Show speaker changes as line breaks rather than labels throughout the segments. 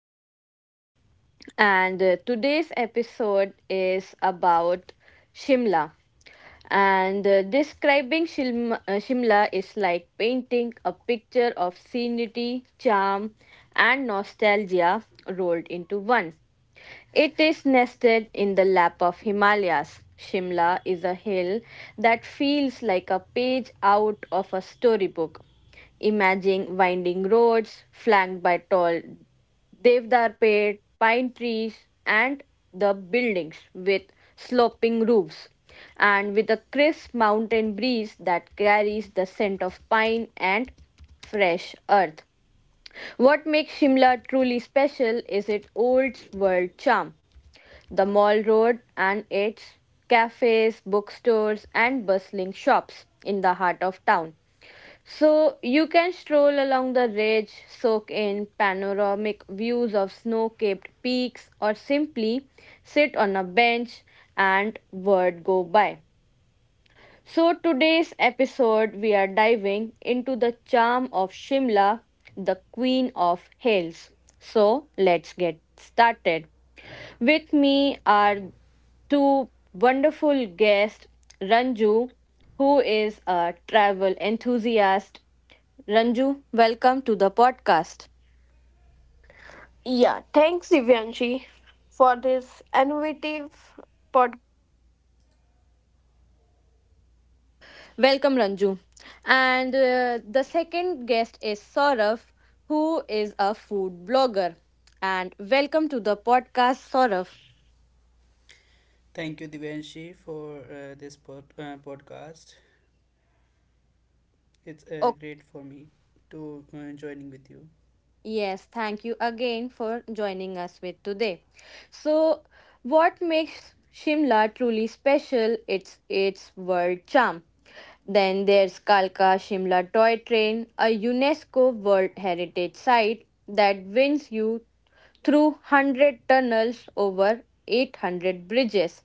Welcome, and today's episode is about Shimla. And describing Shilm- Shimla is like painting a picture of scenery, charm, and nostalgia rolled into one. It is nested in the lap of Himalayas. Shimla is a hill that feels like a page out of a storybook. Imagine winding roads flanked by tall devdar pet, pine trees, and the buildings with sloping roofs, and with a crisp mountain breeze that carries the scent of pine and fresh earth. What makes Shimla truly special is its old world charm the mall road and its cafes, bookstores, and bustling shops in the heart of town. So you can stroll along the ridge, soak in panoramic views of snow capped peaks, or simply sit on a bench and word go by. So today's episode, we are diving into the charm of Shimla, the queen of hills. So let's get started. With me are two wonderful guests, Ranju, who is a travel enthusiast. Ranju, welcome to the podcast.
Yeah, thanks Divyanshi for this innovative podcast.
Welcome, Ranju. And the second guest is Saurav, who is a food blogger. And welcome to the podcast, Saurav.
Thank you, Divanshi, for this pod, podcast. It's great for me to joining with you.
Yes, thank you again for joining us with today. So, what makes Shimla truly special? It's its world charm. Then there's Kalka Shimla Toy Train, a UNESCO World Heritage Site that wins you through 100 tunnels over 800 bridges.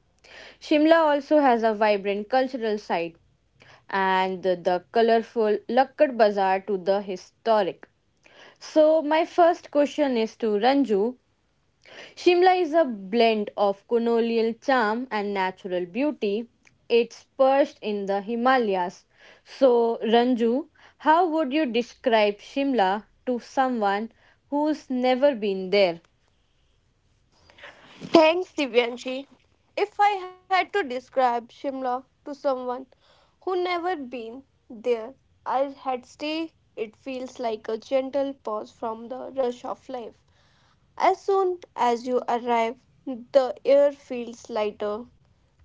Shimla also has a vibrant cultural site and the colorful Lakkad Bazaar to the historic. So, my first question is to Ranju. Shimla is a blend of colonial charm and natural beauty. It's perched in the Himalayas. So, Ranju, how would you describe Shimla to someone who's never been there?
Thanks, Divyanshi. If I had to describe Shimla to someone who never been there, I had stay. It feels like a gentle pause from the rush of life. As soon as you arrive, the air feels lighter,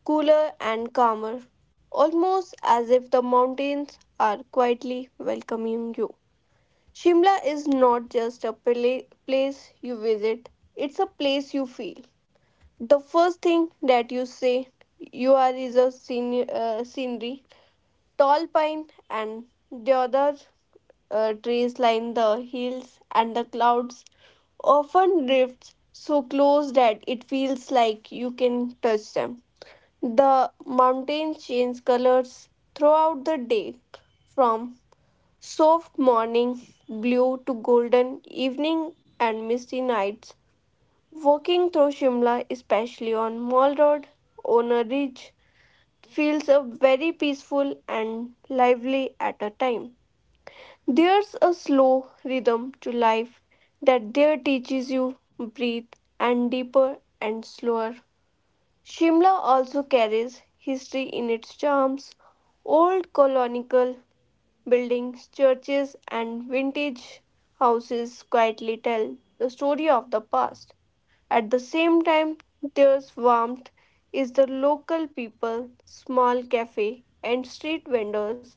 cooler, and calmer, almost as if the mountains are quietly welcoming you. Shimla is not just a place you visit, it's a place you feel. The first thing that you say you are is a scene, scenery. Tall pine and the other trees line the hills, and the clouds often drifts so close that it feels like you can touch them. The mountains change colors throughout the day, from soft morning blue to golden evening and misty nights. Walking through Shimla, especially on Mall Road, on a ridge, feels a very peaceful and lively at a time. There's a slow rhythm to life that there teaches you breathe and deeper and slower. Shimla also carries history in its charms. Old colonial buildings, churches, and vintage houses quietly tell the story of the past. At the same time, there's warmth is the local people, small cafe, and street vendors.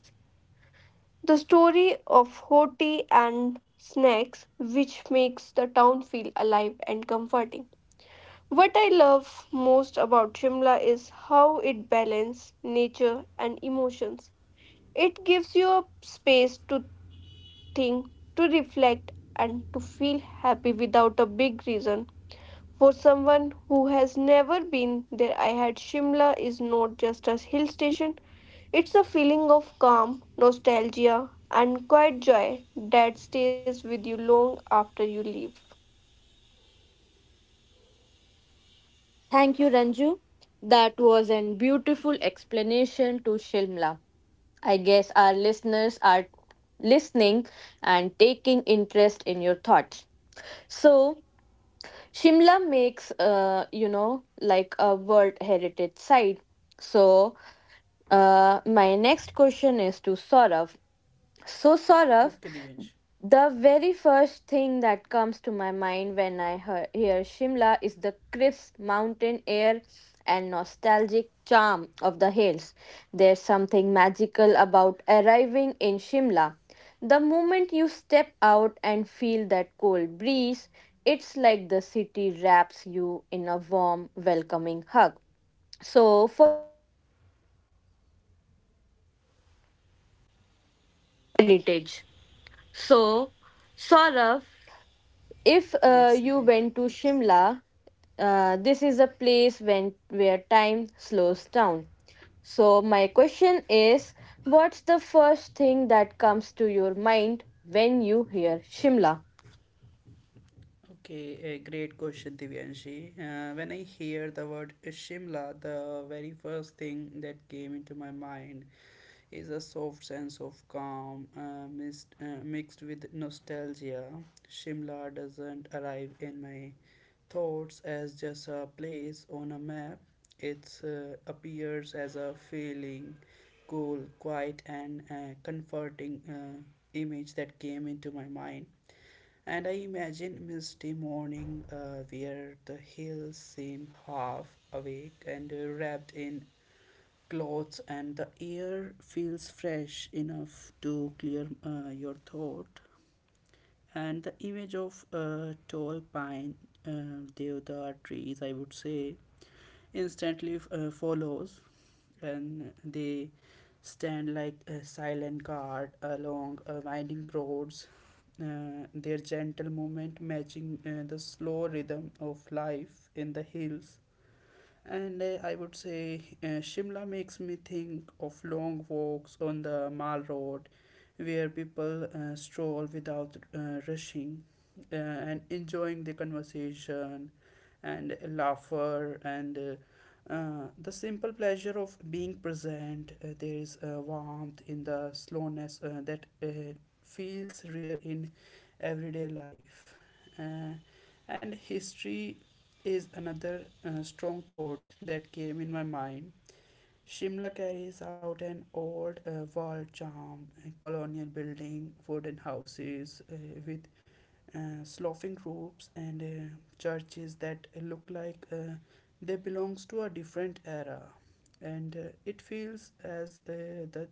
The story of hot tea and snacks, which makes the town feel alive and comforting. What I love most about Shimla is how it balances nature and emotions. It gives you a space to think, to reflect, and to feel happy without a big reason for someone who has never been there, I had Shimla is not just a hill station, it's a feeling of calm, nostalgia, and quiet joy that stays with you long after you leave.
Thank you, Ranju. That was a beautiful explanation to Shimla. I guess our listeners are listening and taking interest in your thoughts. So, Shimla makes, like a World Heritage Site. So, my next question is to Saurav. So, Saurav,
Okay, Divanshi.
the very first thing that comes to my mind when I hear Shimla is the crisp mountain air and nostalgic charm of the hills. There's something magical about arriving in Shimla. The moment you step out and feel that cold breeze, it's like the city wraps you in a warm, welcoming hug. So, for heritage. So, Saurav, if
Yes,
you
Divanshi.
went to Shimla, this is a place when where time slows down. So, my question is, what's the first thing that comes to your mind when you hear Shimla?
Okay, a great question, Divyanshi. When I hear the word Shimla, the very first thing that came into my mind is a soft sense of calm mist, mixed with nostalgia. Shimla doesn't arrive in my thoughts as just a place on a map, it appears as a feeling, cool, quiet, and comforting image that came into my mind. And I imagine misty morning where the hills seem half awake and wrapped in clothes, and the air feels fresh enough to clear your thought and the image of tall pine deodar trees I would say instantly follows, and they stand like a silent guard along winding roads, their gentle movement matching the slow rhythm of life in the hills. And I would say Shimla makes me think of long walks on the Mall Road, where people stroll without rushing, and enjoying the conversation and laughter and the simple pleasure of being present. There is a warmth in the slowness that feels rare in everyday life. Uh, and history is another strong thought that came in my mind. Shimla carries out an old wall charm, a colonial building, wooden houses with sloughing roofs and churches that look like they belongs to a different era. And it feels as the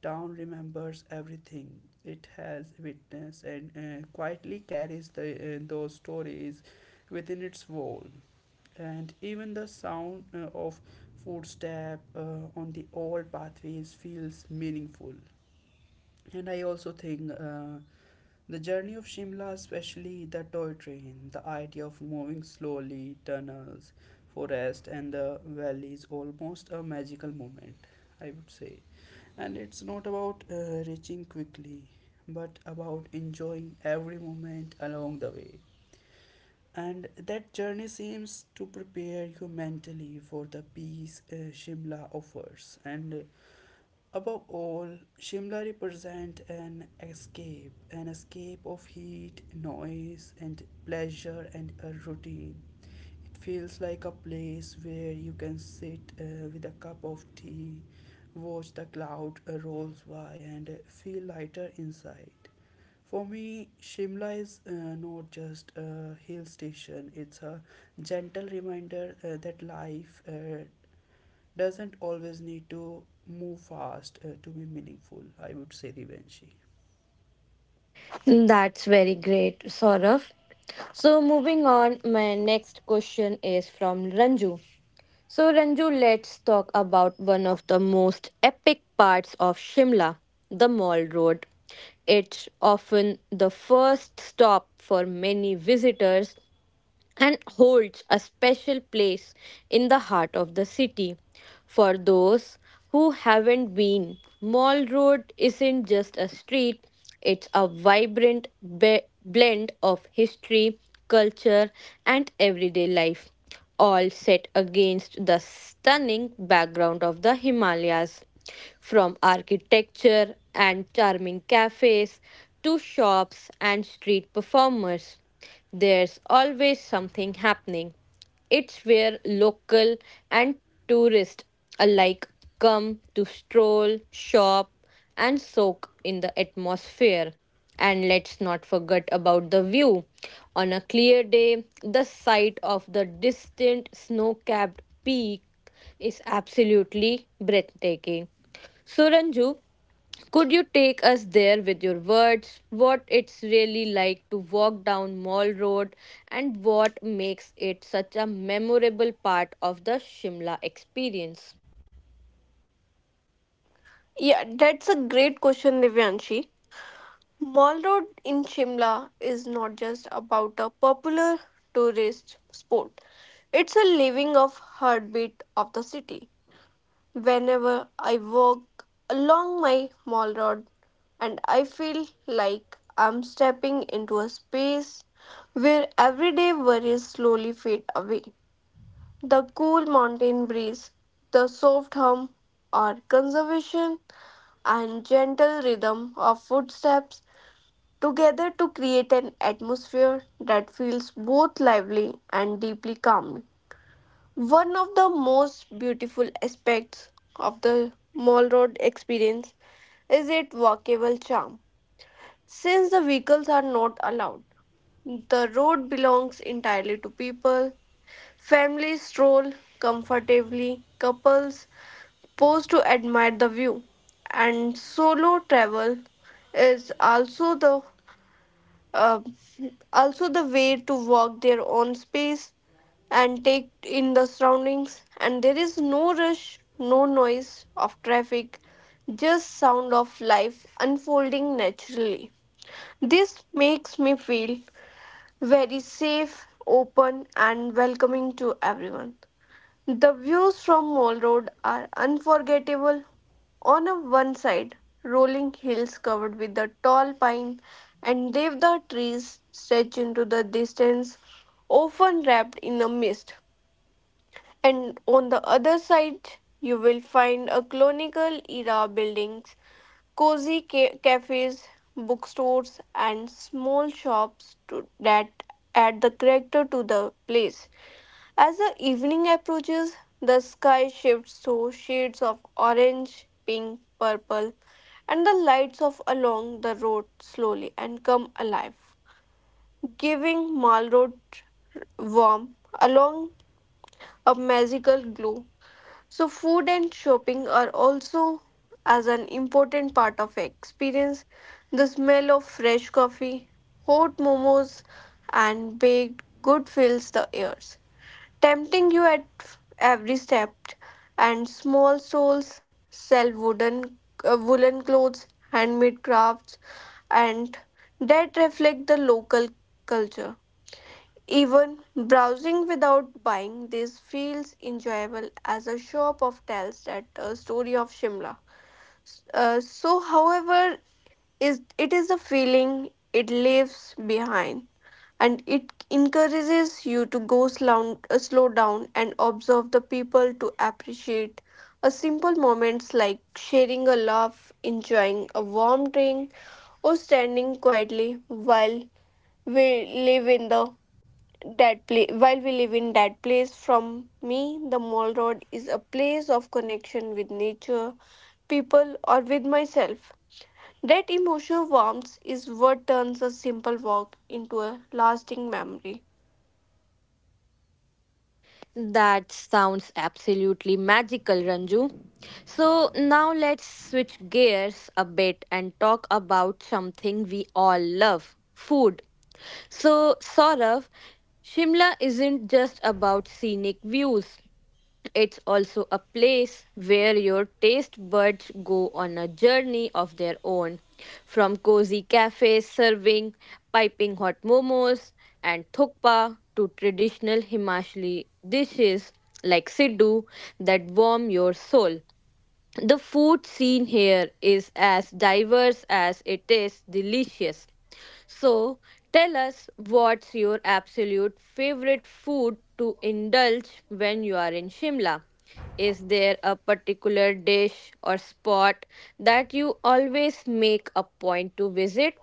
town remembers everything it has witnessed and quietly carries the those stories within its wall, and even the sound of footstep on the old pathways feels meaningful. And I also think the journey of Shimla, especially the toy train, the idea of moving slowly tunnels forest and the valleys almost a magical moment I would say, and it's not about reaching quickly but about enjoying every moment along the way, and that journey seems to prepare you mentally for the peace Shimla offers. And above all, Shimla represents an escape of heat, noise, and pleasure and a routine. It feels like a place where you can sit with a cup of tea, watch the cloud rolls by, and feel lighter inside. For me, Shimla is not just a hill station, it's a gentle reminder that life doesn't always need to move fast to be meaningful, I would say, Divyanshi.
That's very great, Saurav. So, moving on, my next question is from Ranju. So, Ranju, let's talk about one of the most epic parts of Shimla, the Mall Road. It's often the first stop for many visitors and holds a special place in the heart of the city. For those who haven't been, Mall Road isn't just a street, it's a vibrant blend of history, culture, and everyday life all set against the stunning background of the Himalayas. From architecture and charming cafes to shops and street performers, there's always something happening. It's where local and tourist alike come to stroll, shop, and soak in the atmosphere. And let's not forget about the view. On a clear day, the sight of the distant snow capped peak is absolutely breathtaking. So, Ranju, could you take us there with your words? What it's really like to walk down Mall Road and what makes it such a memorable part of the Shimla experience?
Yeah, that's a great question, Divyanshi. Mall Road in Shimla is not just about a popular tourist spot, it's a living of heartbeat of the city. Whenever I walk along my Mall Road and I feel like I'm stepping into a space where everyday worries slowly fade away. The cool mountain breeze, the soft hum or conservation, and gentle rhythm of footsteps together to create an atmosphere that feels both lively and deeply calming. One of the most beautiful aspects of the Mall Road experience is its walkable charm. Since the vehicles are not allowed, the road belongs entirely to people. Families stroll comfortably, couples pose to admire the view, and solo travel is also the um the way to walk their own space and take in the surroundings, and there is no rush, no noise of traffic, just sound of life unfolding naturally. This makes me feel very safe, open, and welcoming to everyone. The views from Mall Road are unforgettable. On a one side, rolling hills covered with the tall pine and devda trees stretch into the distance, often wrapped in a mist. And on the other side, you will find a colonial era buildings, cozy cafes, bookstores, and small shops that add the character to the place. As the evening approaches, the sky shifts to shades of orange, pink, purple, and the lights of along the road slowly and come alive, giving Mall Road warm along a magical glow. So food and shopping are also as an important part of experience. The smell of fresh coffee, hot momos and baked good fills the ears tempting you at every step, and small souls sell wooden woolen clothes, handmade crafts, and that reflect the local culture. Even browsing without buying, this feels enjoyable as a shop of tells that a story of Shimla. However, is it is a feeling it leaves behind and it encourages you to go slow, slow down and observe the people to appreciate a simple moments like sharing a laugh enjoying a warm drink or standing quietly while we live in the that place while we live in that place from me the Mall Road is a place of connection with nature people or with myself that emotional warmth is what turns a simple walk into a lasting memory.
That sounds absolutely magical, Ranju. So, now let's switch gears a bit and talk about something we all love food. So, Saurav, Shimla isn't just about scenic views. It's also a place where your taste buds go on a journey of their own. From cozy cafes serving piping hot momos and thukpa to traditional Himachali dishes like siddu that warm your soul. The food scene here is as diverse as it is delicious. So, tell us what's your absolute favorite food to indulge when you are in Shimla? Is there a particular dish or spot that you always make a point to visit?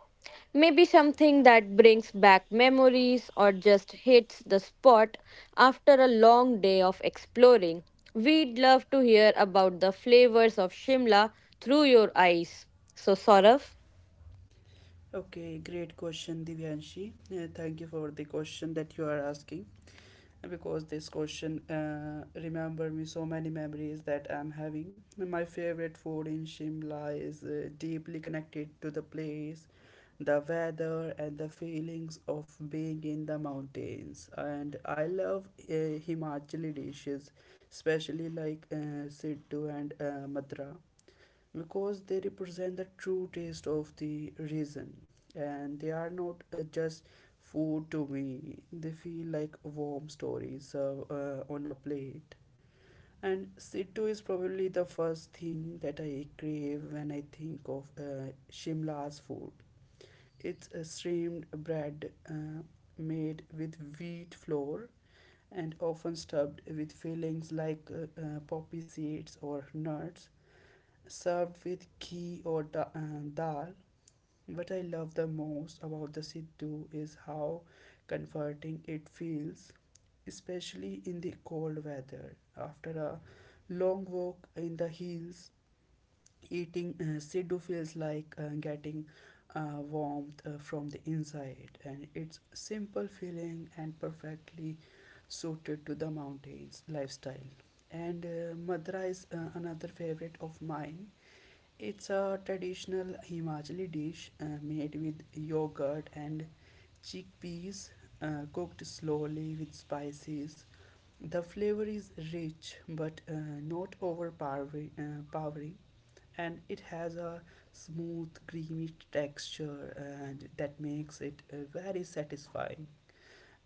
Maybe something that brings back memories or just hits the spot after a long day of exploring. We'd love to hear about the flavors of Shimla through your eyes. So, Saurav?
Okay, great question, Divyanshi. Thank you for the question that you are asking, because this question remember me so many memories that I'm having. My favorite food in Shimla is deeply connected to the place, the weather, and the feelings of being in the mountains. And I love Himachali dishes, especially like Siddu and Madra, because they represent the true taste of the region and they are not just food to me, they feel like warm stories on a plate. And Situ is probably the first thing that I crave when I think of Shimla's food. It's a steamed bread made with wheat flour and often stuffed with fillings like poppy seeds or nuts, served with ghee or dal. What I love the most about the Siddhu is how comforting it feels, especially in the cold weather. After a long walk in the hills, eating Siddhu feels like getting warmth from the inside, and it's simple feeling and perfectly suited to the mountains lifestyle. And Madra is another favorite of mine. It's a traditional Himachali dish made with yogurt and chickpeas, cooked slowly with spices. The flavor is rich but not overpowering, and it has a smooth, creamy texture that makes it very satisfying.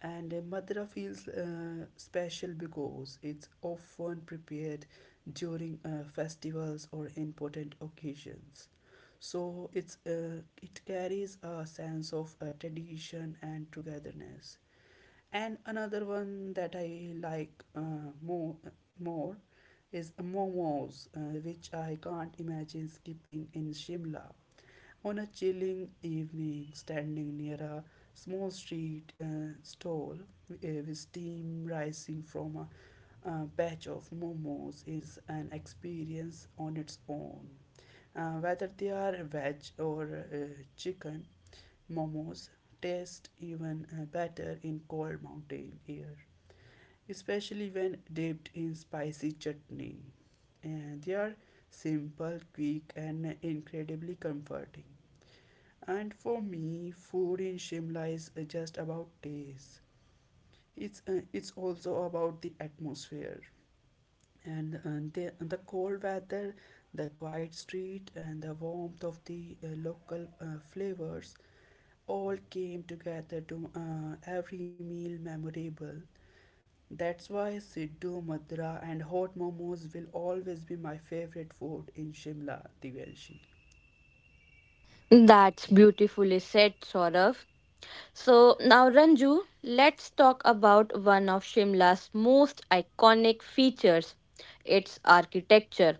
And Madhura feels special because it's often prepared during festivals or important occasions. So it's it carries a sense of tradition and togetherness. And another one that I like more is momos, which I can't imagine skipping in Shimla. On a chilling evening, standing near a small street stall with steam rising from a batch of momos is an experience on its own. Whether they are veg or chicken, momos taste even better in cold mountain air, especially when dipped in spicy chutney. And they are simple, quick, and incredibly comforting. And for me, food in Shimla is just about taste. It's also about the atmosphere and the cold weather, the quiet street, and the warmth of the local flavors all came together to every meal memorable. That's why Siddu, Madra, and hot momos will always be my favorite food in Shimla, Divanshi.
That's beautifully said, Saurav. So, now Ranju, let's talk about one of Shimla's most iconic features its architecture.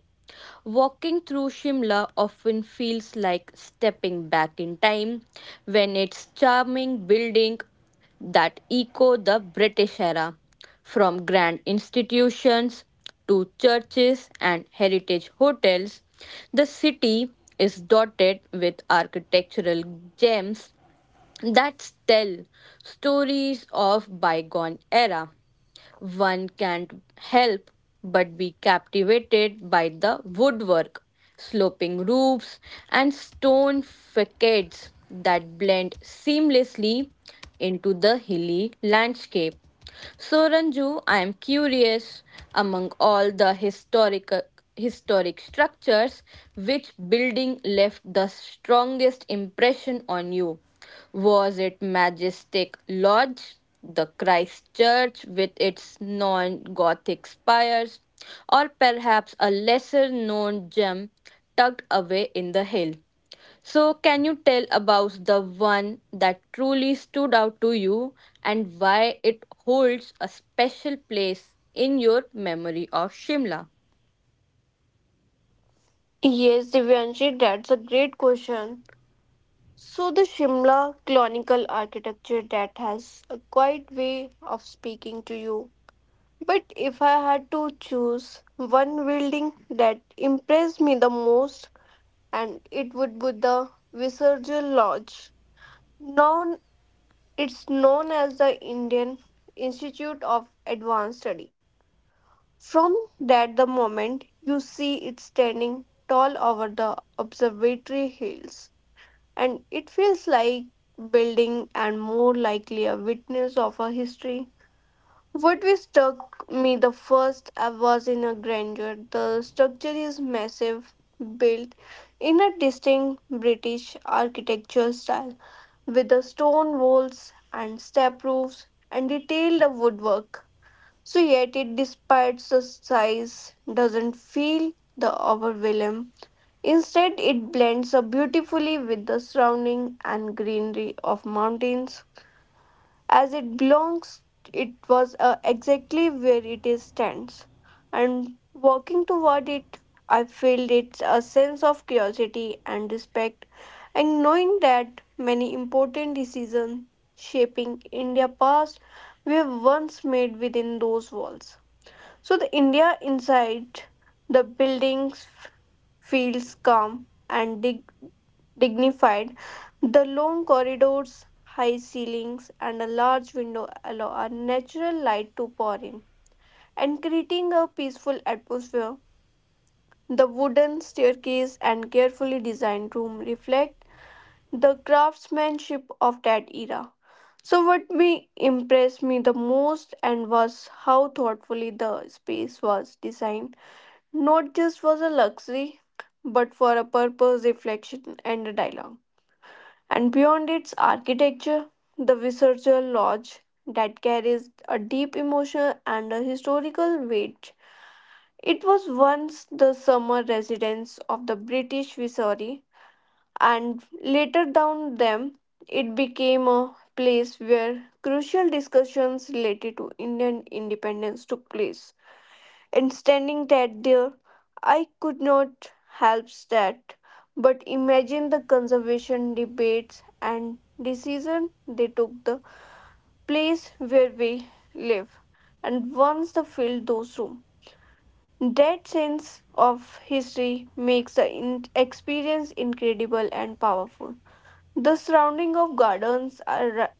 Walking through Shimla often feels like stepping back in time when its charming building that echo the British era, from grand institutions to churches and heritage hotels, the city is dotted with architectural gems that tell stories of bygone era. One can't help but be captivated by the woodwork, sloping roofs, and stone facades that blend seamlessly into the hilly landscape. So, Ranju, I am curious among all the historic structures, which building left the strongest impression on you? Was it Majestic Lodge, the Christ Church with its non Gothic spires, or perhaps a lesser known gem tucked away in the hill? So, can you tell about the one that truly stood out to you and why it holds a special place in your memory of Shimla?
Yes, Divyanshi, that's a great question. So, the Shimla colonial architecture that has a quiet way of speaking to you. But if I had to choose one building that impressed me the most, and it would be the Visarjal Lodge. Known, it's known as the Indian Institute of Advanced Study From that the moment you see it standing tall over the observatory hills, and it feels like building and more likely a witness of a history. What we struck me the first I was in a grandeur. The structure is massive, built in a distinct British architectural style, with the stone walls and step roofs and detailed woodwork. So yet it despite its size doesn't feel the overwhelm. Instead it blends up beautifully with the surrounding and greenery of mountains. As it belongs it was exactly where it is stands. And walking toward it I feel it's a sense of curiosity and respect and knowing that many important decisions shaping India past were once made within those walls. So the India inside the buildings feels calm and dignified. The long corridors, high ceilings, and a large window allow a natural light to pour in and creating a peaceful atmosphere. The wooden staircase and carefully designed room reflect the craftsmanship of that era. So what me impressed me the most and was how thoughtfully the space was designed Not just for the luxury, but for a purpose, reflection, and a dialogue. And beyond its architecture, the Researcher Lodge that carries a deep emotional and a historical weight. It was once the summer residence of the British Viceroy, and later down them, it became a place where crucial discussions related to Indian independence took place and standing that there, I could not help that. But imagine the conservation debates and decision they took the place where we live. And once they filled those rooms, that sense of history makes the experience incredible and powerful. The surrounding of gardens are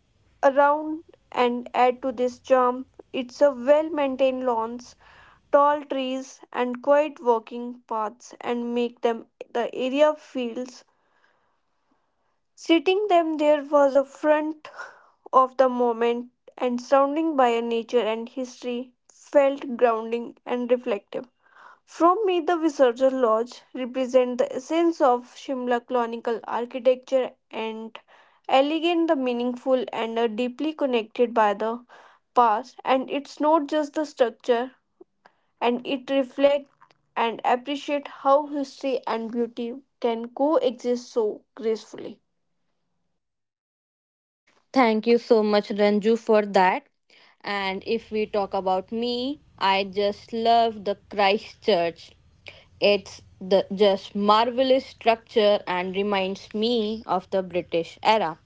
around and add to this charm. It's a well maintained lawns tall trees and quiet walking paths and make them the area feels sitting them there was a front of the moment and surrounding by a nature and history felt grounding and reflective from me the Visarja lodge represent the essence of Shimla colonial architecture and elegant the meaningful and are deeply connected by the past and it's not just the structure and it reflects and appreciates how history and beauty can coexist so gracefully.
Thank you so much, Ranju, for that. And if we talk about me, I just love the Christchurch. It's the just marvelous structure and reminds me of the British era.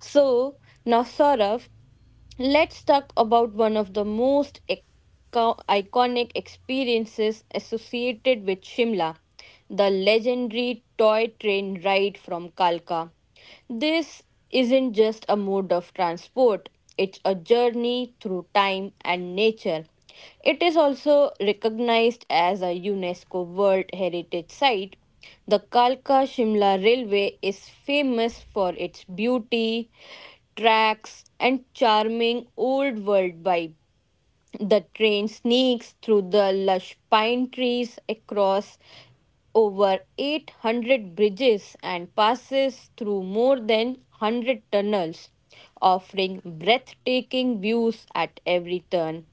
So now, Saurav, let's talk about one of the most iconic experiences associated with Shimla, the legendary toy train ride from Kalka. This isn't just a mode of transport, it's a journey through time and nature. It is also recognized as a UNESCO World Heritage Site. The Kalka Shimla Railway is famous for its beauty, tracks, and charming old world vibe. The train sneaks through the lush pine trees across over 800 bridges and passes through more than 100 tunnels, offering breathtaking views at every turn.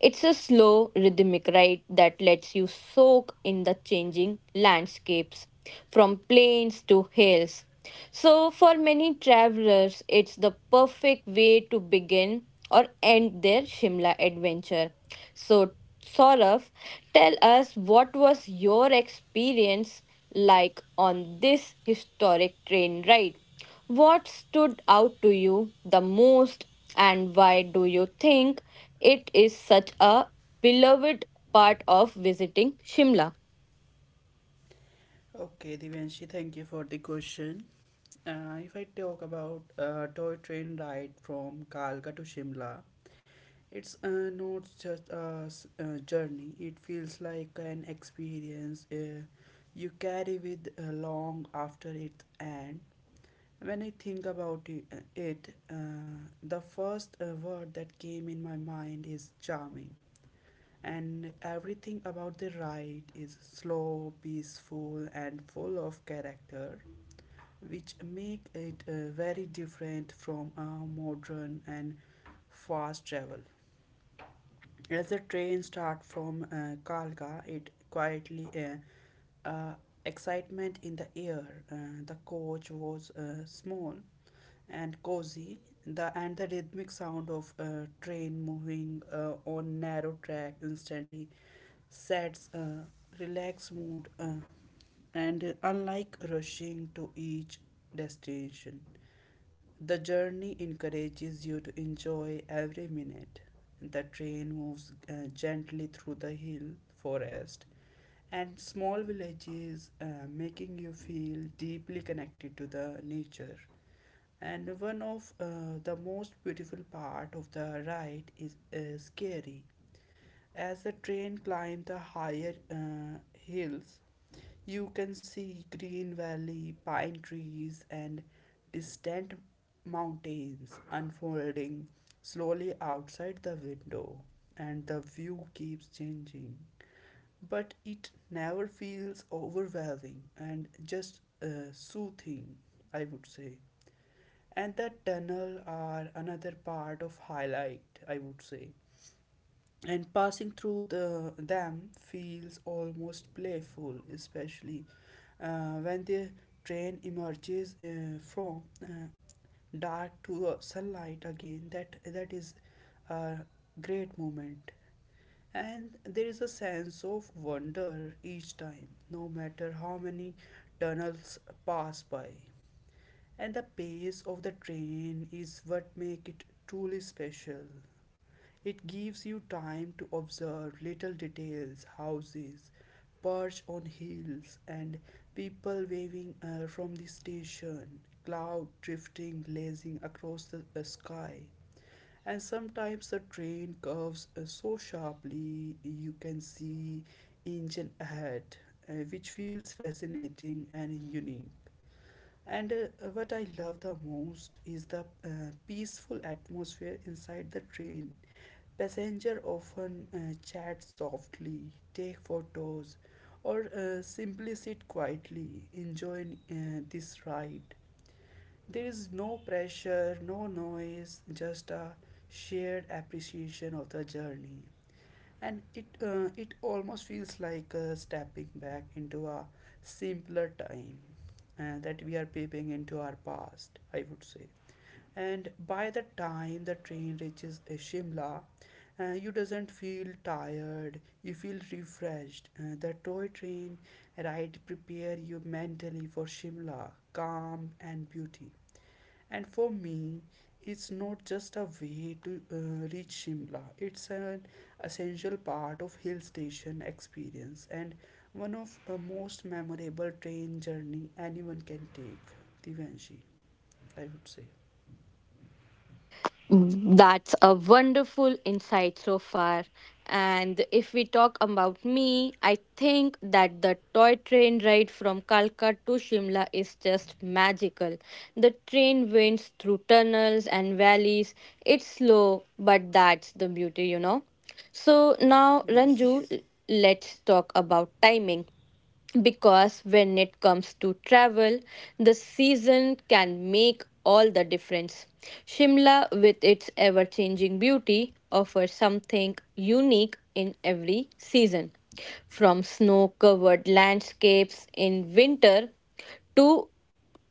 It's a slow, rhythmic ride that lets you soak in the changing landscapes, from plains to hills. So, for many travelers, it's the perfect way to begin or end their Shimla adventure. So, Saurav, tell us what was your experience like on this historic train ride? What stood out to you the most, and why do you think it is such a beloved part of visiting Shimla?
Okay, Divanshi, thank you for the question. If I talk about toy train ride from Kalka to Shimla, it's not just a journey. It feels like an experience you carry with long after its end. When I think about it, the first word that came in my mind is charming. And everything about the ride is slow, peaceful, and full of character, which make it very different from modern and fast travel. As the train start from Kalka, it quietly uh, excitement in the air. The coach was small and cozy. The and the rhythmic sound of train moving on narrow track instantly sets a relaxed mood. And unlike rushing to each destination, the journey encourages you to enjoy every minute. The train moves gently through the hill forest and small villages, making you feel deeply connected to the nature. And one of the most beautiful part of the ride is scary. As the train climbs the higher hills, you can see green valley, pine trees, and distant mountains unfolding slowly outside the window, and the view keeps changing. But it never feels overwhelming and just soothing, I would say. And the tunnel are another part of highlight, I would say, and passing through them feels almost playful, especially when the train emerges from dark to sunlight again. That is a great moment, and there is a sense of wonder each time, no matter how many tunnels pass by. And the pace of the train is what make it truly special. It gives you time to observe little details, houses perched on hills, and people waving from the station, cloud drifting, blazing across the sky. And sometimes the train curves so sharply you can see engine ahead, which feels fascinating and unique. And what I love the most is the peaceful atmosphere inside the train. Passenger often chat softly, take photos, or simply sit quietly, enjoying this ride. There is no pressure, no noise, just a shared appreciation of the journey. And it almost feels like stepping back into a simpler time that we are peeping into our past, I would say. And by the time the train reaches Shimla, you doesn't feel tired. You feel refreshed. The toy train ride prepare you mentally for Shimla, calm and beauty. And for me, it's not just a way to reach Shimla. It's an essential part of hill station experience and one of the most memorable train journey anyone can take. Divanshi, I would say.
That's a wonderful insight so far. And if we talk about me, I think that the toy train ride from Kalka to Shimla is just magical. The train winds through tunnels and valleys. It's slow, but that's the beauty, you know. So now, Ranju,
Yes.
let's talk about timing because when it comes to travel, the season can make all the difference. Shimla, with its ever changing beauty, offers something unique in every season. From snow covered landscapes in winter to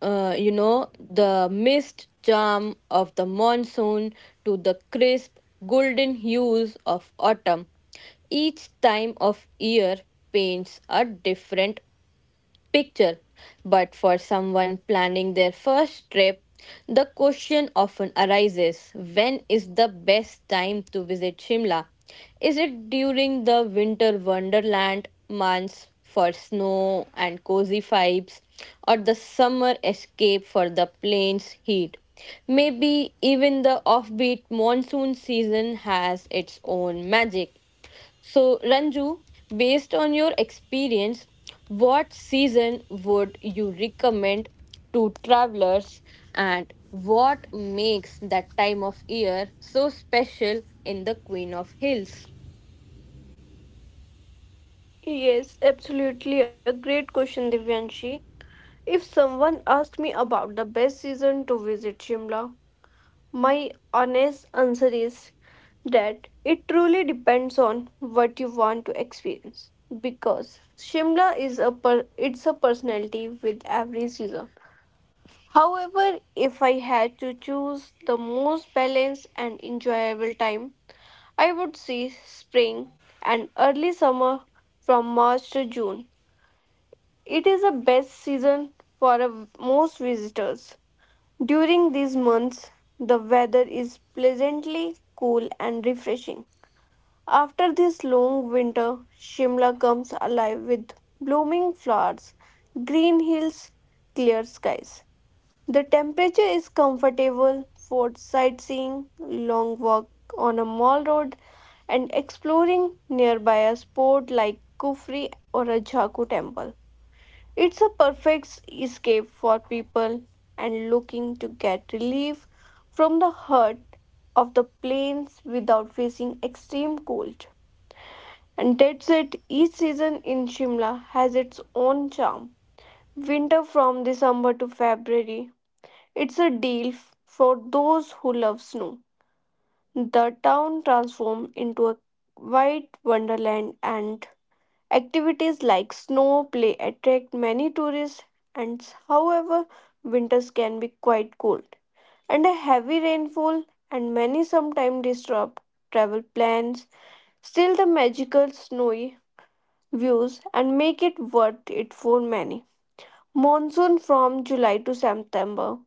the mist charm of the monsoon to the crisp, golden hues of autumn. Each time of year paints a different picture. But for someone planning their first trip, the question often arises when is the best time to visit Shimla? Is it during the winter wonderland months for snow and cozy vibes, or the summer escape for the plains heat? Maybe even the offbeat monsoon season has its own magic. So, Ranju, based on your experience, what season would you recommend to travelers and what makes that time of year so special in the Queen of Hills?
Yes, absolutely. A great question, Divyanshi. If someone asked me about the best season to visit Shimla, my honest answer is that it truly depends on what you want to experience because Shimla is a it's a personality with every season. However, if I had to choose the most balanced and enjoyable time, I would say spring and early summer from March to June. It is the best season for most visitors. During these months, the weather is pleasantly cool and refreshing. After this long winter, Shimla comes alive with blooming flowers, green hills, clear skies the temperature is comfortable for sightseeing, long walk on a Mall Road, and exploring nearby a spot like Kufri or a Jaku temple. It's a perfect escape for people and looking to get relief from the hurt of the plains without facing extreme cold. And that's it, each season in Shimla has its own charm. Winter from December to February it's a deal for those who love snow. The town transforms into a white wonderland, and activities like snow play attract many tourists. And however, winters can be quite cold, and a heavy rainfall and many sometimes disrupt travel plans. Still, the magical snowy views and make it worth it for many. Monsoon from July to September.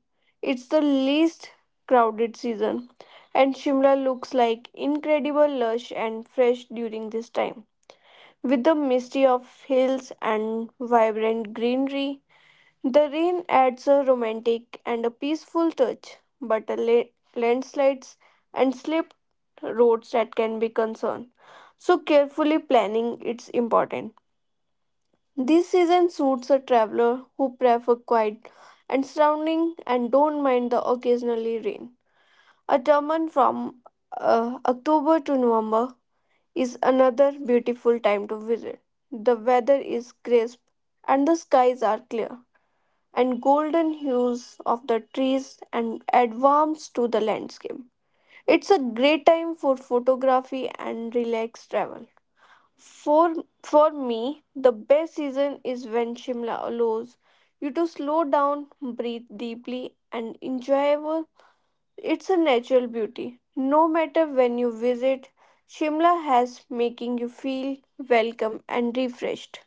It's the least crowded season, and Shimla looks like incredible lush and fresh during this time. With the mystery of hills and vibrant greenery, the rain adds a romantic and a peaceful touch, but a landslides and slip roads that can be concern. So carefully planning it's important. This season suits a traveler who prefer quiet and surrounding and don't mind the occasionally rain. A turban from October to November is another beautiful time to visit. The weather is crisp and the skies are clear, and golden hues of the trees and add warmth to the landscape. It's a great time for photography and relaxed travel. For for me, the best season is when Shimla allows you to slow down, breathe deeply, and enjoy. Well, it's a natural beauty. No matter when you visit, Shimla has making you feel welcome and refreshed.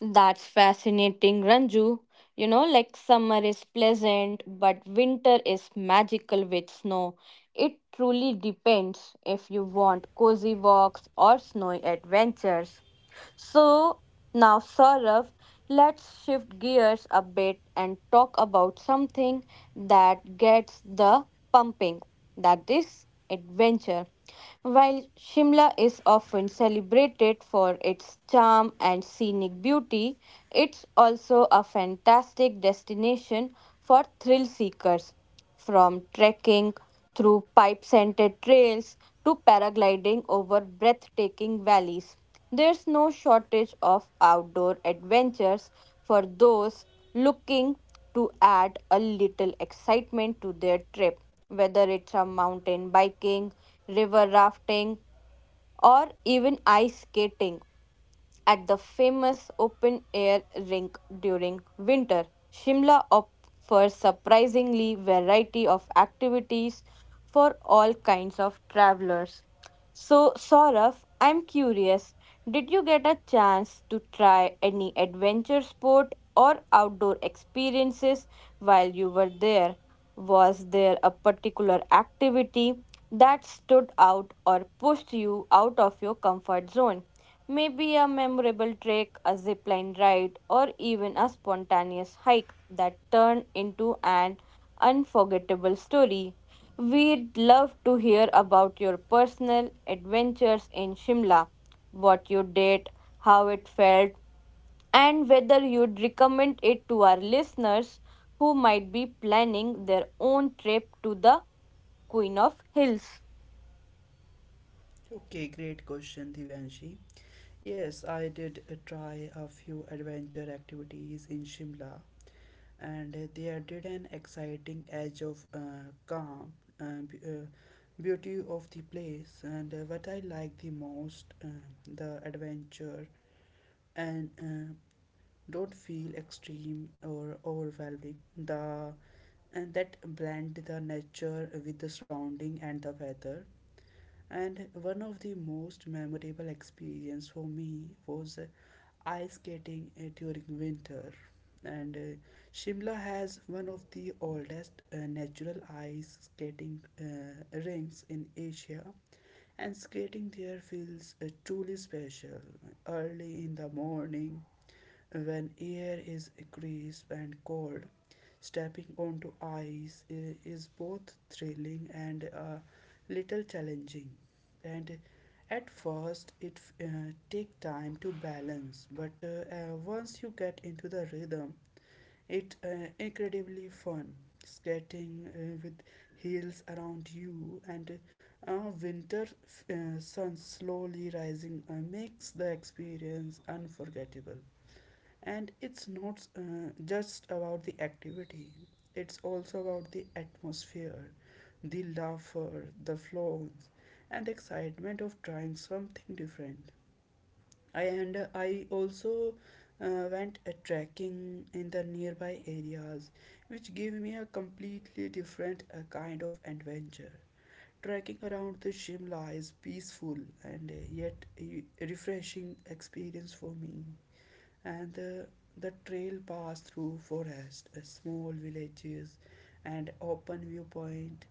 That's fascinating, Ranju. You know, like summer is pleasant, but winter is magical with snow. It truly depends if you want cozy walks or snowy adventures. So now, Saurav, let's shift gears a bit and talk about something that gets the pumping that is, adventure. While Shimla is often celebrated for its charm and scenic beauty, it's also a fantastic destination for thrill seekers. From trekking through pipe scented trails to paragliding over breathtaking valleys, there's no shortage of outdoor adventures for those looking to add a little excitement to their trip, whether it's a mountain biking, river rafting, or even ice skating at the famous open air rink during winter. Shimla offers surprisingly variety of activities for all kinds of travelers. So, Saurav, I'm curious, did you get a chance to try any adventure sport or outdoor experiences while you were there? Was there a particular activity that stood out or pushed you out of your comfort zone? Maybe a memorable trek, a zipline ride, or even a spontaneous hike that turned into an unforgettable story. We'd love to hear about your personal adventures in Shimla, what you did, how it felt, and whether you'd recommend it to our listeners who might be planning their own trip to the Queen of Hills.
Okay, great question, Divyanshi. Yes, I did try a few adventure activities in Shimla, and they added an exciting edge of calm and beauty of the place. And what I like the most, the adventure, and don't feel extreme or overwhelming. The and that blend the nature with the surrounding and the weather. And one of the most memorable experience for me was ice skating during winter. And Shimla has one of the oldest natural ice skating rinks in Asia. And skating there feels truly special. Early in the morning, when air is crisp and cold. Stepping onto ice is both thrilling and a little challenging. And at first, it takes time to balance, but once you get into the rhythm, it incredibly fun. Skating with heels around you and winter sun slowly rising makes the experience unforgettable. And it's not just about the activity, it's also about the atmosphere, the laughter, the flows, and the excitement of trying something different. I also went a trekking in the nearby areas, which gave me a completely different kind of adventure. Trekking around the Shimla is peaceful and yet a refreshing experience for me. And the trail passed through forest, small villages, and open viewpoint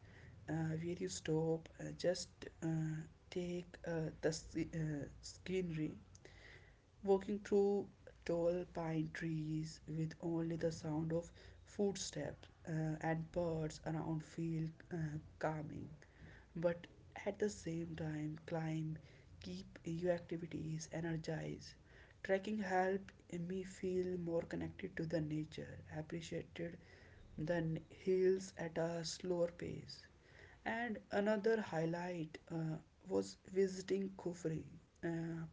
where you stop, just uh, take the scenery. Walking through tall pine trees with only the sound of footsteps and birds around feel uh, calming, but at the same time climb keep your activities energized. Trekking helped me feel more connected to the nature, appreciated the hills at a slower pace. And another highlight was visiting Kufri, uh,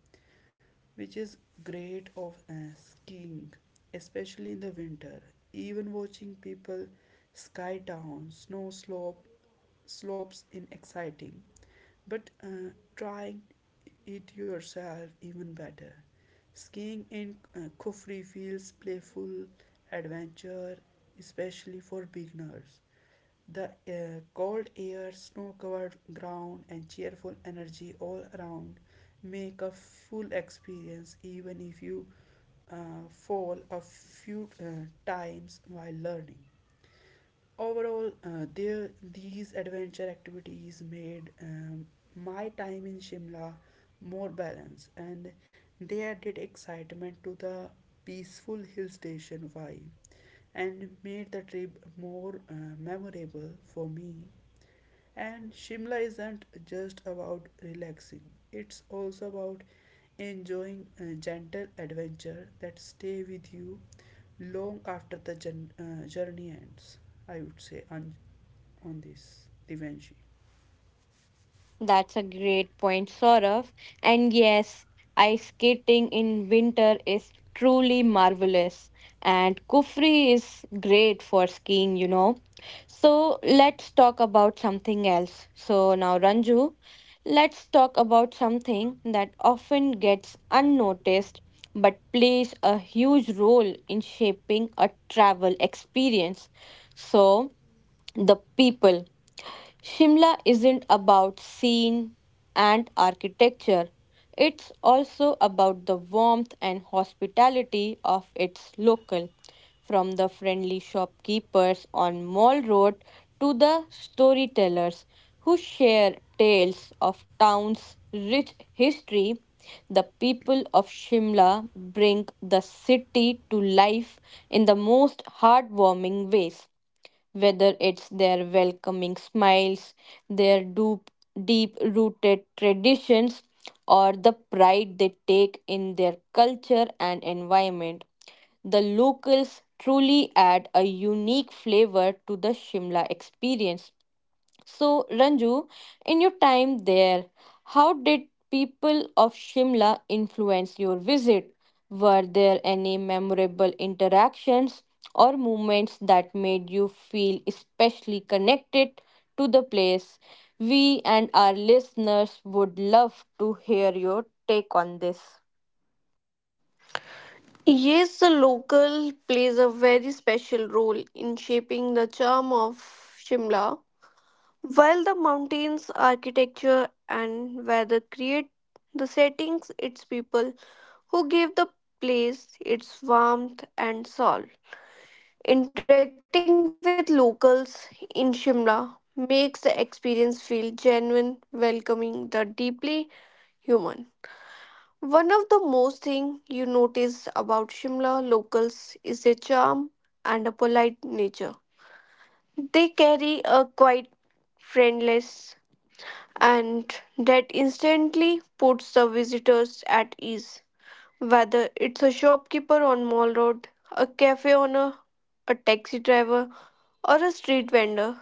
which is great of skiing, especially in the winter. Even watching people sky down snow slope, slopes in exciting, but trying it yourself even better. Skiing in Kufri feels playful adventure, especially for beginners. The cold air, snow-covered ground, and cheerful energy all around make a full experience, even if you fall a few times while learning. Overall, there these adventure activities made my time in Shimla more balanced, and they added excitement to the peaceful hill station vibe, and made the trip more memorable for me. And Shimla isn't just about relaxing; it's also about enjoying a gentle adventure that stay with you long after the journey ends. I would say, Anj on this, Divanshi.
That's a great point, Saurav. And yes, ice skating in winter is truly marvelous. And Kufri is great for skiing, you know. So let's talk about something else. So now, Ranju, let's talk about something that often gets unnoticed but plays a huge role in shaping a travel experience. So, the people. Shimla isn't about scene and architecture, it's also about the warmth and hospitality of its local, from the friendly shopkeepers on Mall Road to the storytellers who share tales of town's rich history. The people of Shimla bring the city to life in the most heartwarming ways, whether it's their welcoming smiles, their deep rooted traditions, or the pride they take in their culture and environment. The locals truly add a unique flavor to the Shimla experience. So, Ranju, in your time there, how did people of Shimla influence your visit? Were there any memorable interactions or moments that made you feel especially connected to the place? We and our listeners would love to hear your take on this.
Yes, the local plays a very special role in shaping the charm of Shimla. While the mountains, architecture, and weather create the settings, its people who gave the place its warmth and soul. Interacting with locals in Shimla makes the experience feel genuine, welcoming, the deeply human. One of the most thing you notice about Shimla locals is their charm and a polite nature. They carry a quite friendliness, and that instantly puts the visitors at ease. Whether it's a shopkeeper on Mall Road, a cafe owner, a taxi driver, or a street vendor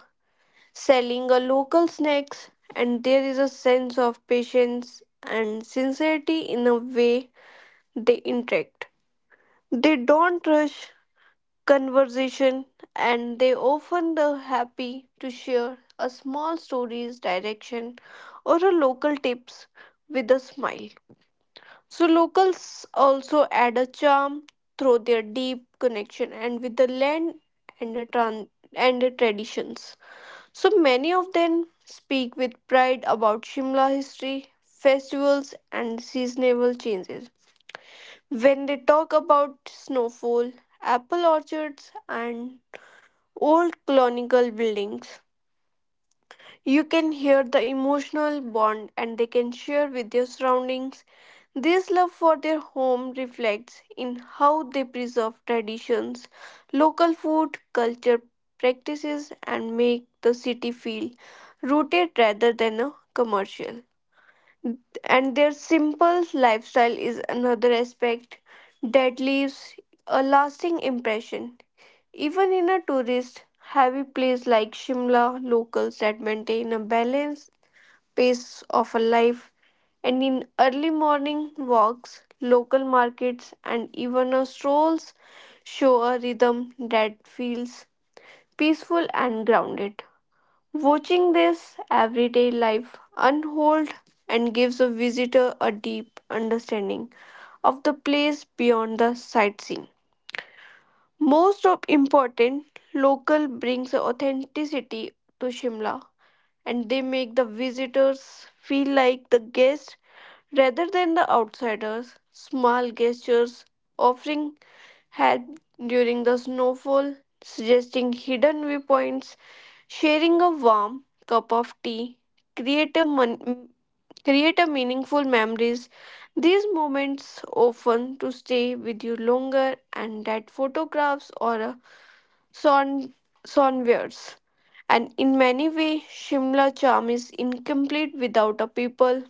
selling a local snacks, and there is a sense of patience and sincerity in a way they interact. They don't rush conversation and they often are happy to share a small story's direction or a local tips with a smile. So locals also add a charm through their deep connection and with the land and the traditions. So many of them speak with pride about Shimla history, festivals and seasonal changes. When they talk about snowfall, apple orchards and old colonial buildings, you can hear the emotional bond and they can share with their surroundings. This love for their home reflects in how they preserve traditions, local food, culture practices, and make the city feel rooted rather than a commercial, and their simple lifestyle is another aspect that leaves a lasting impression. Even in a tourist heavy place like Shimla, locals that maintain a balanced pace of a life, and in early morning walks, local markets and even a strolls show a rhythm that feels peaceful and grounded. Watching this everyday life unfold and gives a visitor a deep understanding of the place beyond the sightseeing. Most of important, local brings authenticity to Shimla and they make the visitors feel like the guests rather than the outsiders. Small gestures offering had during the snowfall, suggesting hidden viewpoints, sharing a warm cup of tea, create a, mon- create a meaningful memories. These moments often to stay with you longer and that photographs or a son sonwares. And in many way, Shimla charm is incomplete without a people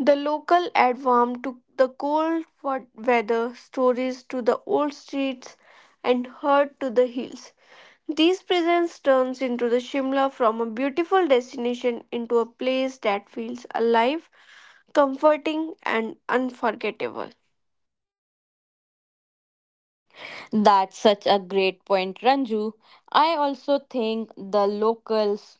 the local addwarm to the cold weather, stories to the old streets, and herd to the hills. These presents turns into the Shimla from a beautiful destination into a place that feels alive, comforting, and unforgettable.
That's such a great point, Ranju. I also think the locals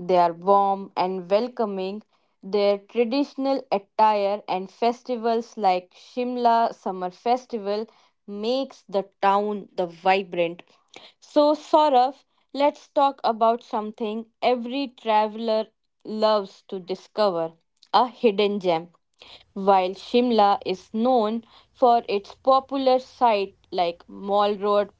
they are warm and welcoming. Their traditional attire and festivals like Shimla Summer Festival makes the town the vibrant. So Saurav, let's talk about something every traveler loves to discover, a hidden gem. While Shimla is known for its popular sites like Mall Road,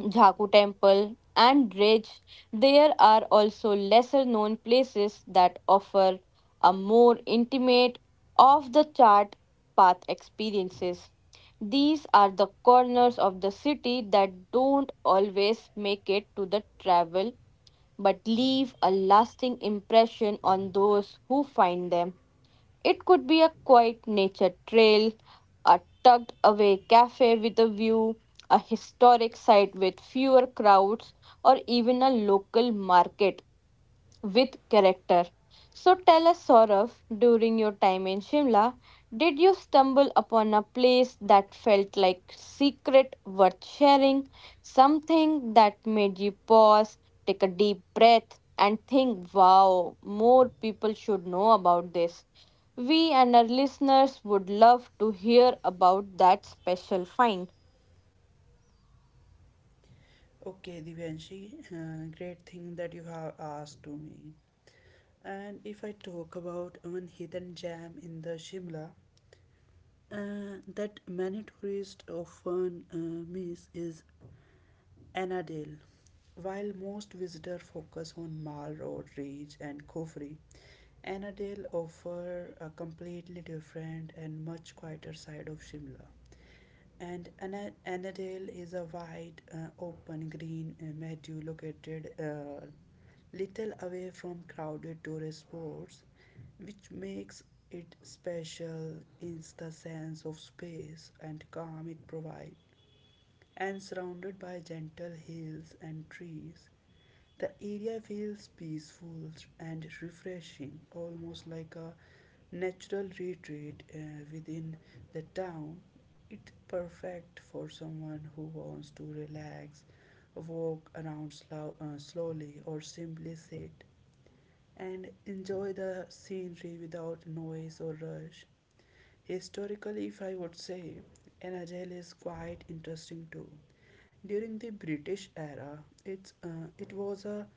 Jaku Temple, and Ridge, there are also lesser known places that offer a more intimate, off the chart path experiences. These are the corners of the city that don't always make it to the travel but leave a lasting impression on those who find them. It could be a quiet nature trail, a tucked away cafe with a view, a historic site with fewer crowds, or even a local market with character. So tell us, Saurav, during your time in Shimla, did you stumble upon a place that felt like secret worth sharing? Something that made you pause, take a deep breath, and think, wow, more people should know about this? We and our listeners would love to hear about that special find.
Okay, Divanshi, great thing that you have asked to me. And if I talk about one hidden gem in the Shimla that many tourists often miss is Annadale. While most visitors focus on Mall Road, Ridge, and Kofri, Annadale offer a completely different and much quieter side of Shimla. And Annadale is a wide, open green meadow located little away from crowded tourist spots, which makes it special in the sense of space and calm it provides, and surrounded by gentle hills and trees. The area feels peaceful and refreshing, almost like a natural retreat within the town. It's perfect for someone who wants to relax, walk around slowly, or simply sit and enjoy the scenery without noise or rush. Historically, if I would say, Anajel is quite interesting too. During the British era, it was a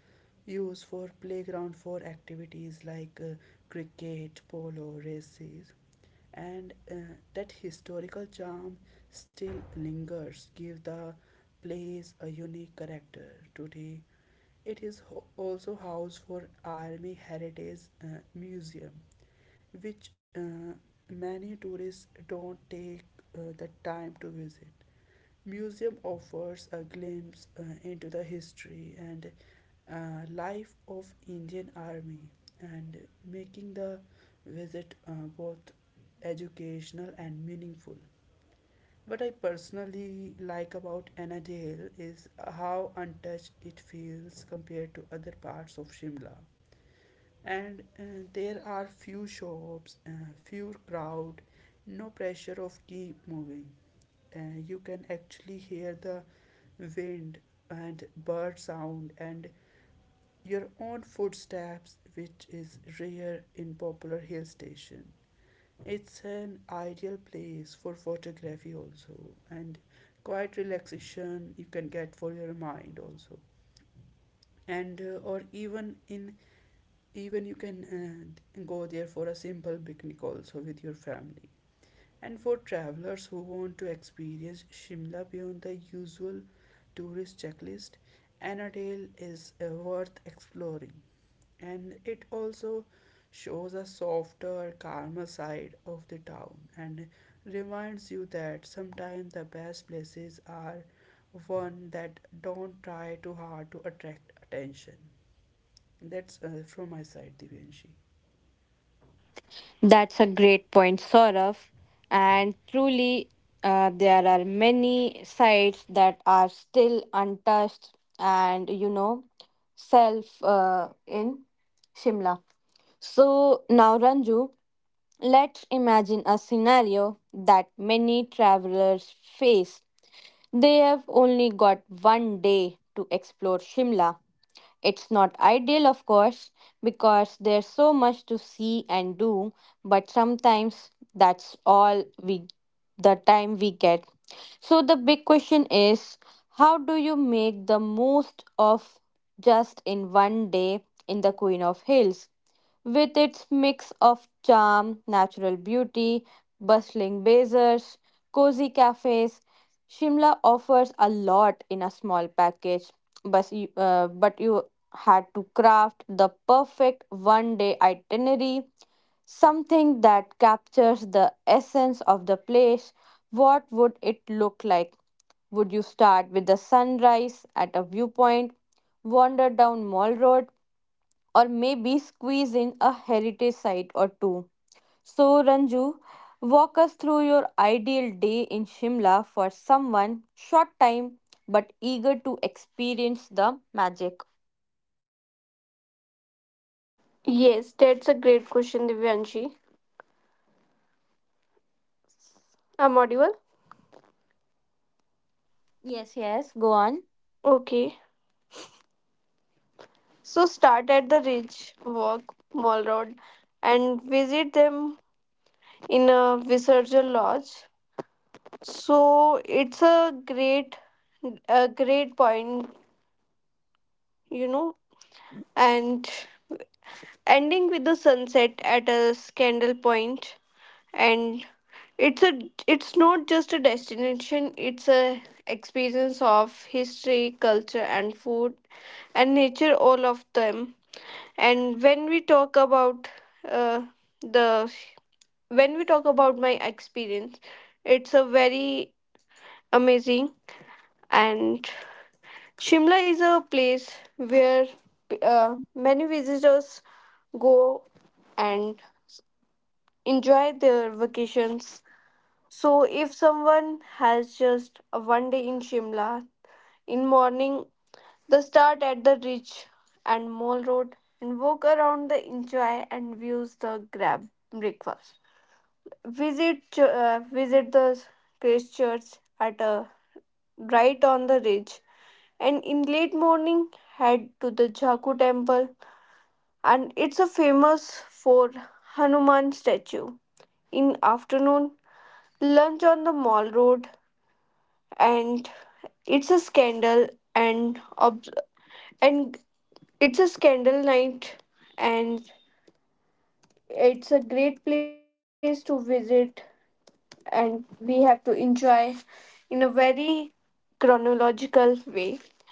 used for playground for activities like cricket, polo, races, and that historical charm still lingers, give the place a unique character. Today, it is also housed for Army Heritage Museum, which many tourists don't take the time to visit. Museum offers a glimpse into the history and life of Indian Army, and making the visit both educational and meaningful. What I personally like about Anna Jail is how untouched it feels compared to other parts of Shimla. And there are few shops, few crowd, no pressure of keep moving. You can actually hear the wind and bird sound and your own footsteps, which is rare in popular hill station. It's an ideal place for photography also, and quite relaxation you can get for your mind also, and or even in even you can go there for a simple picnic also with your family. And for travelers who want to experience Shimla beyond the usual tourist checklist, Annadale is worth exploring, and it also shows a softer, calmer side of the town and reminds you that sometimes the best places are one that don't try too hard to attract attention. That's from my side, Divanshi.
That's a great point, Saurav. And truly, there are many sites that are still untouched and, you know, self in Shimla. So now, Ranju, let's imagine a scenario that many travelers face. They have only got one day to explore Shimla. It's not ideal, of course, because there's so much to see and do, but sometimes that's all we the time we get. So the big question is, how do you make the most of just in one day in the Queen of Hills, with its mix of charm, natural beauty, bustling bazaars, cozy cafes? Shimla offers a lot in a small package, but you had to craft the perfect one day itinerary, something that captures the essence of the place. What would it look like? Would you start with the sunrise at a viewpoint, wander down Mall Road, or maybe squeeze in a heritage site or two? So, Ranju, walk us through your ideal day in Shimla for someone short time but eager to experience the magic.
Yes, that's a great question, Divyanshi. I'm audible?
Yes, yes, go on.
Okay. So start at the Ridge Walk Mall Road and visit them in a Visarjal Lodge. So it's a great point, you know. And ending with the sunset at a Scandal Point, and it's a, it's not just a destination. It's a experience of history, culture, and food and nature, all of them. And when we talk about uh, the, my experience, it's a very amazing and Shimla is a place where many visitors go and enjoy their vacations. So, if someone has just a one day in Shimla, in morning they start at the Ridge and Mall Road and walk around the enjoy and views the grab breakfast. Visit the Christ Church at a right on the ridge, and in late morning head to the Jaku Temple and it's a famous for Hanuman statue. In afternoon, lunch on the mall road, and it's a scandal and and it's a scandal night, and it's a great place to visit and we have to enjoy in a very chronological way.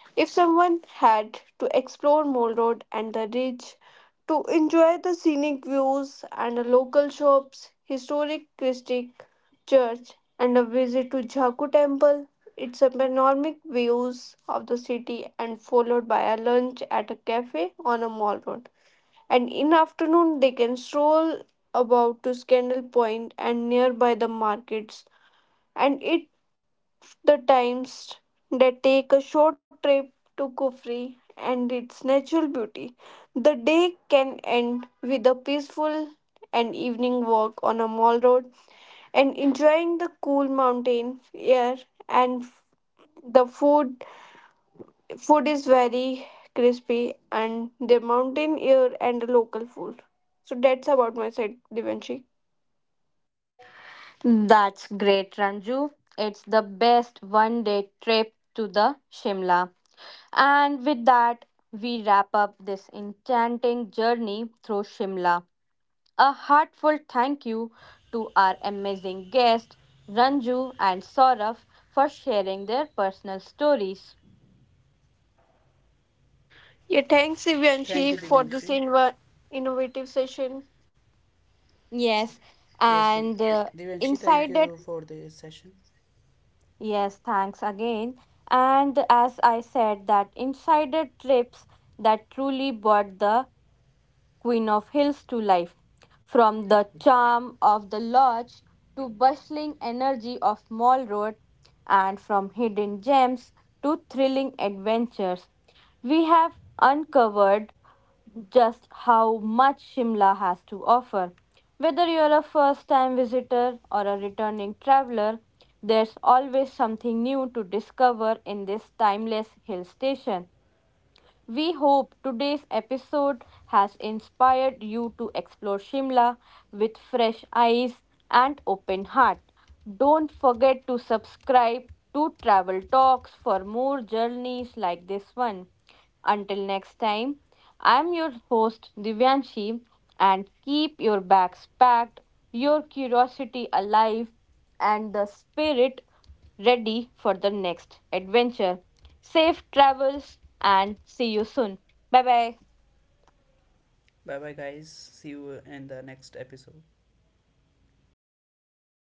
If someone had to explore Mall Road and the ridge to enjoy the scenic views and the local shops, historic Christic church, and a visit to Jaku temple, it's a panoramic views of the city and followed by a lunch at a cafe on a mall road, and in afternoon they can stroll about to Scandal Point and nearby the markets and it the times they take a short trip to Kufri and its natural beauty. The day can end with a peaceful and evening walk on a mall road and enjoying the cool mountain air and the food. Food is very crispy and the mountain air and the local food. So that's about my side, Divanshi.
That's great, Ranju. It's the best one day trip to the Shimla. And with that, we wrap up this enchanting journey through Shimla. A heartfelt thank you to our amazing guests, Ranju and Saurabh, for sharing their personal stories.
Yeah, thanks
Thank you,
Divanshi for this
Divanshi.
innovative session.
Yes,
Yes,
and
Divanshi, thank
inside it,
you for the session.
yes, thanks again. And as I said, that inside the trips that truly brought the Queen of Hills to life. From the charm of the lodge to bustling energy of Mall Road, and from hidden gems to thrilling adventures, we have uncovered just how much Shimla has to offer. Whether you're a first time visitor or a returning traveler, there's always something new to discover in this timeless hill station. We hope today's episode has inspired you to explore Shimla with fresh eyes and open heart. Don't forget to subscribe to Travel Talks for more journeys like this one. Until next time, I'm your host Divyanshi, and keep your bags packed, your curiosity alive, and the spirit ready for the next adventure. Safe travels and see you soon. Bye bye.
Bye bye, guys. See you in the next episode.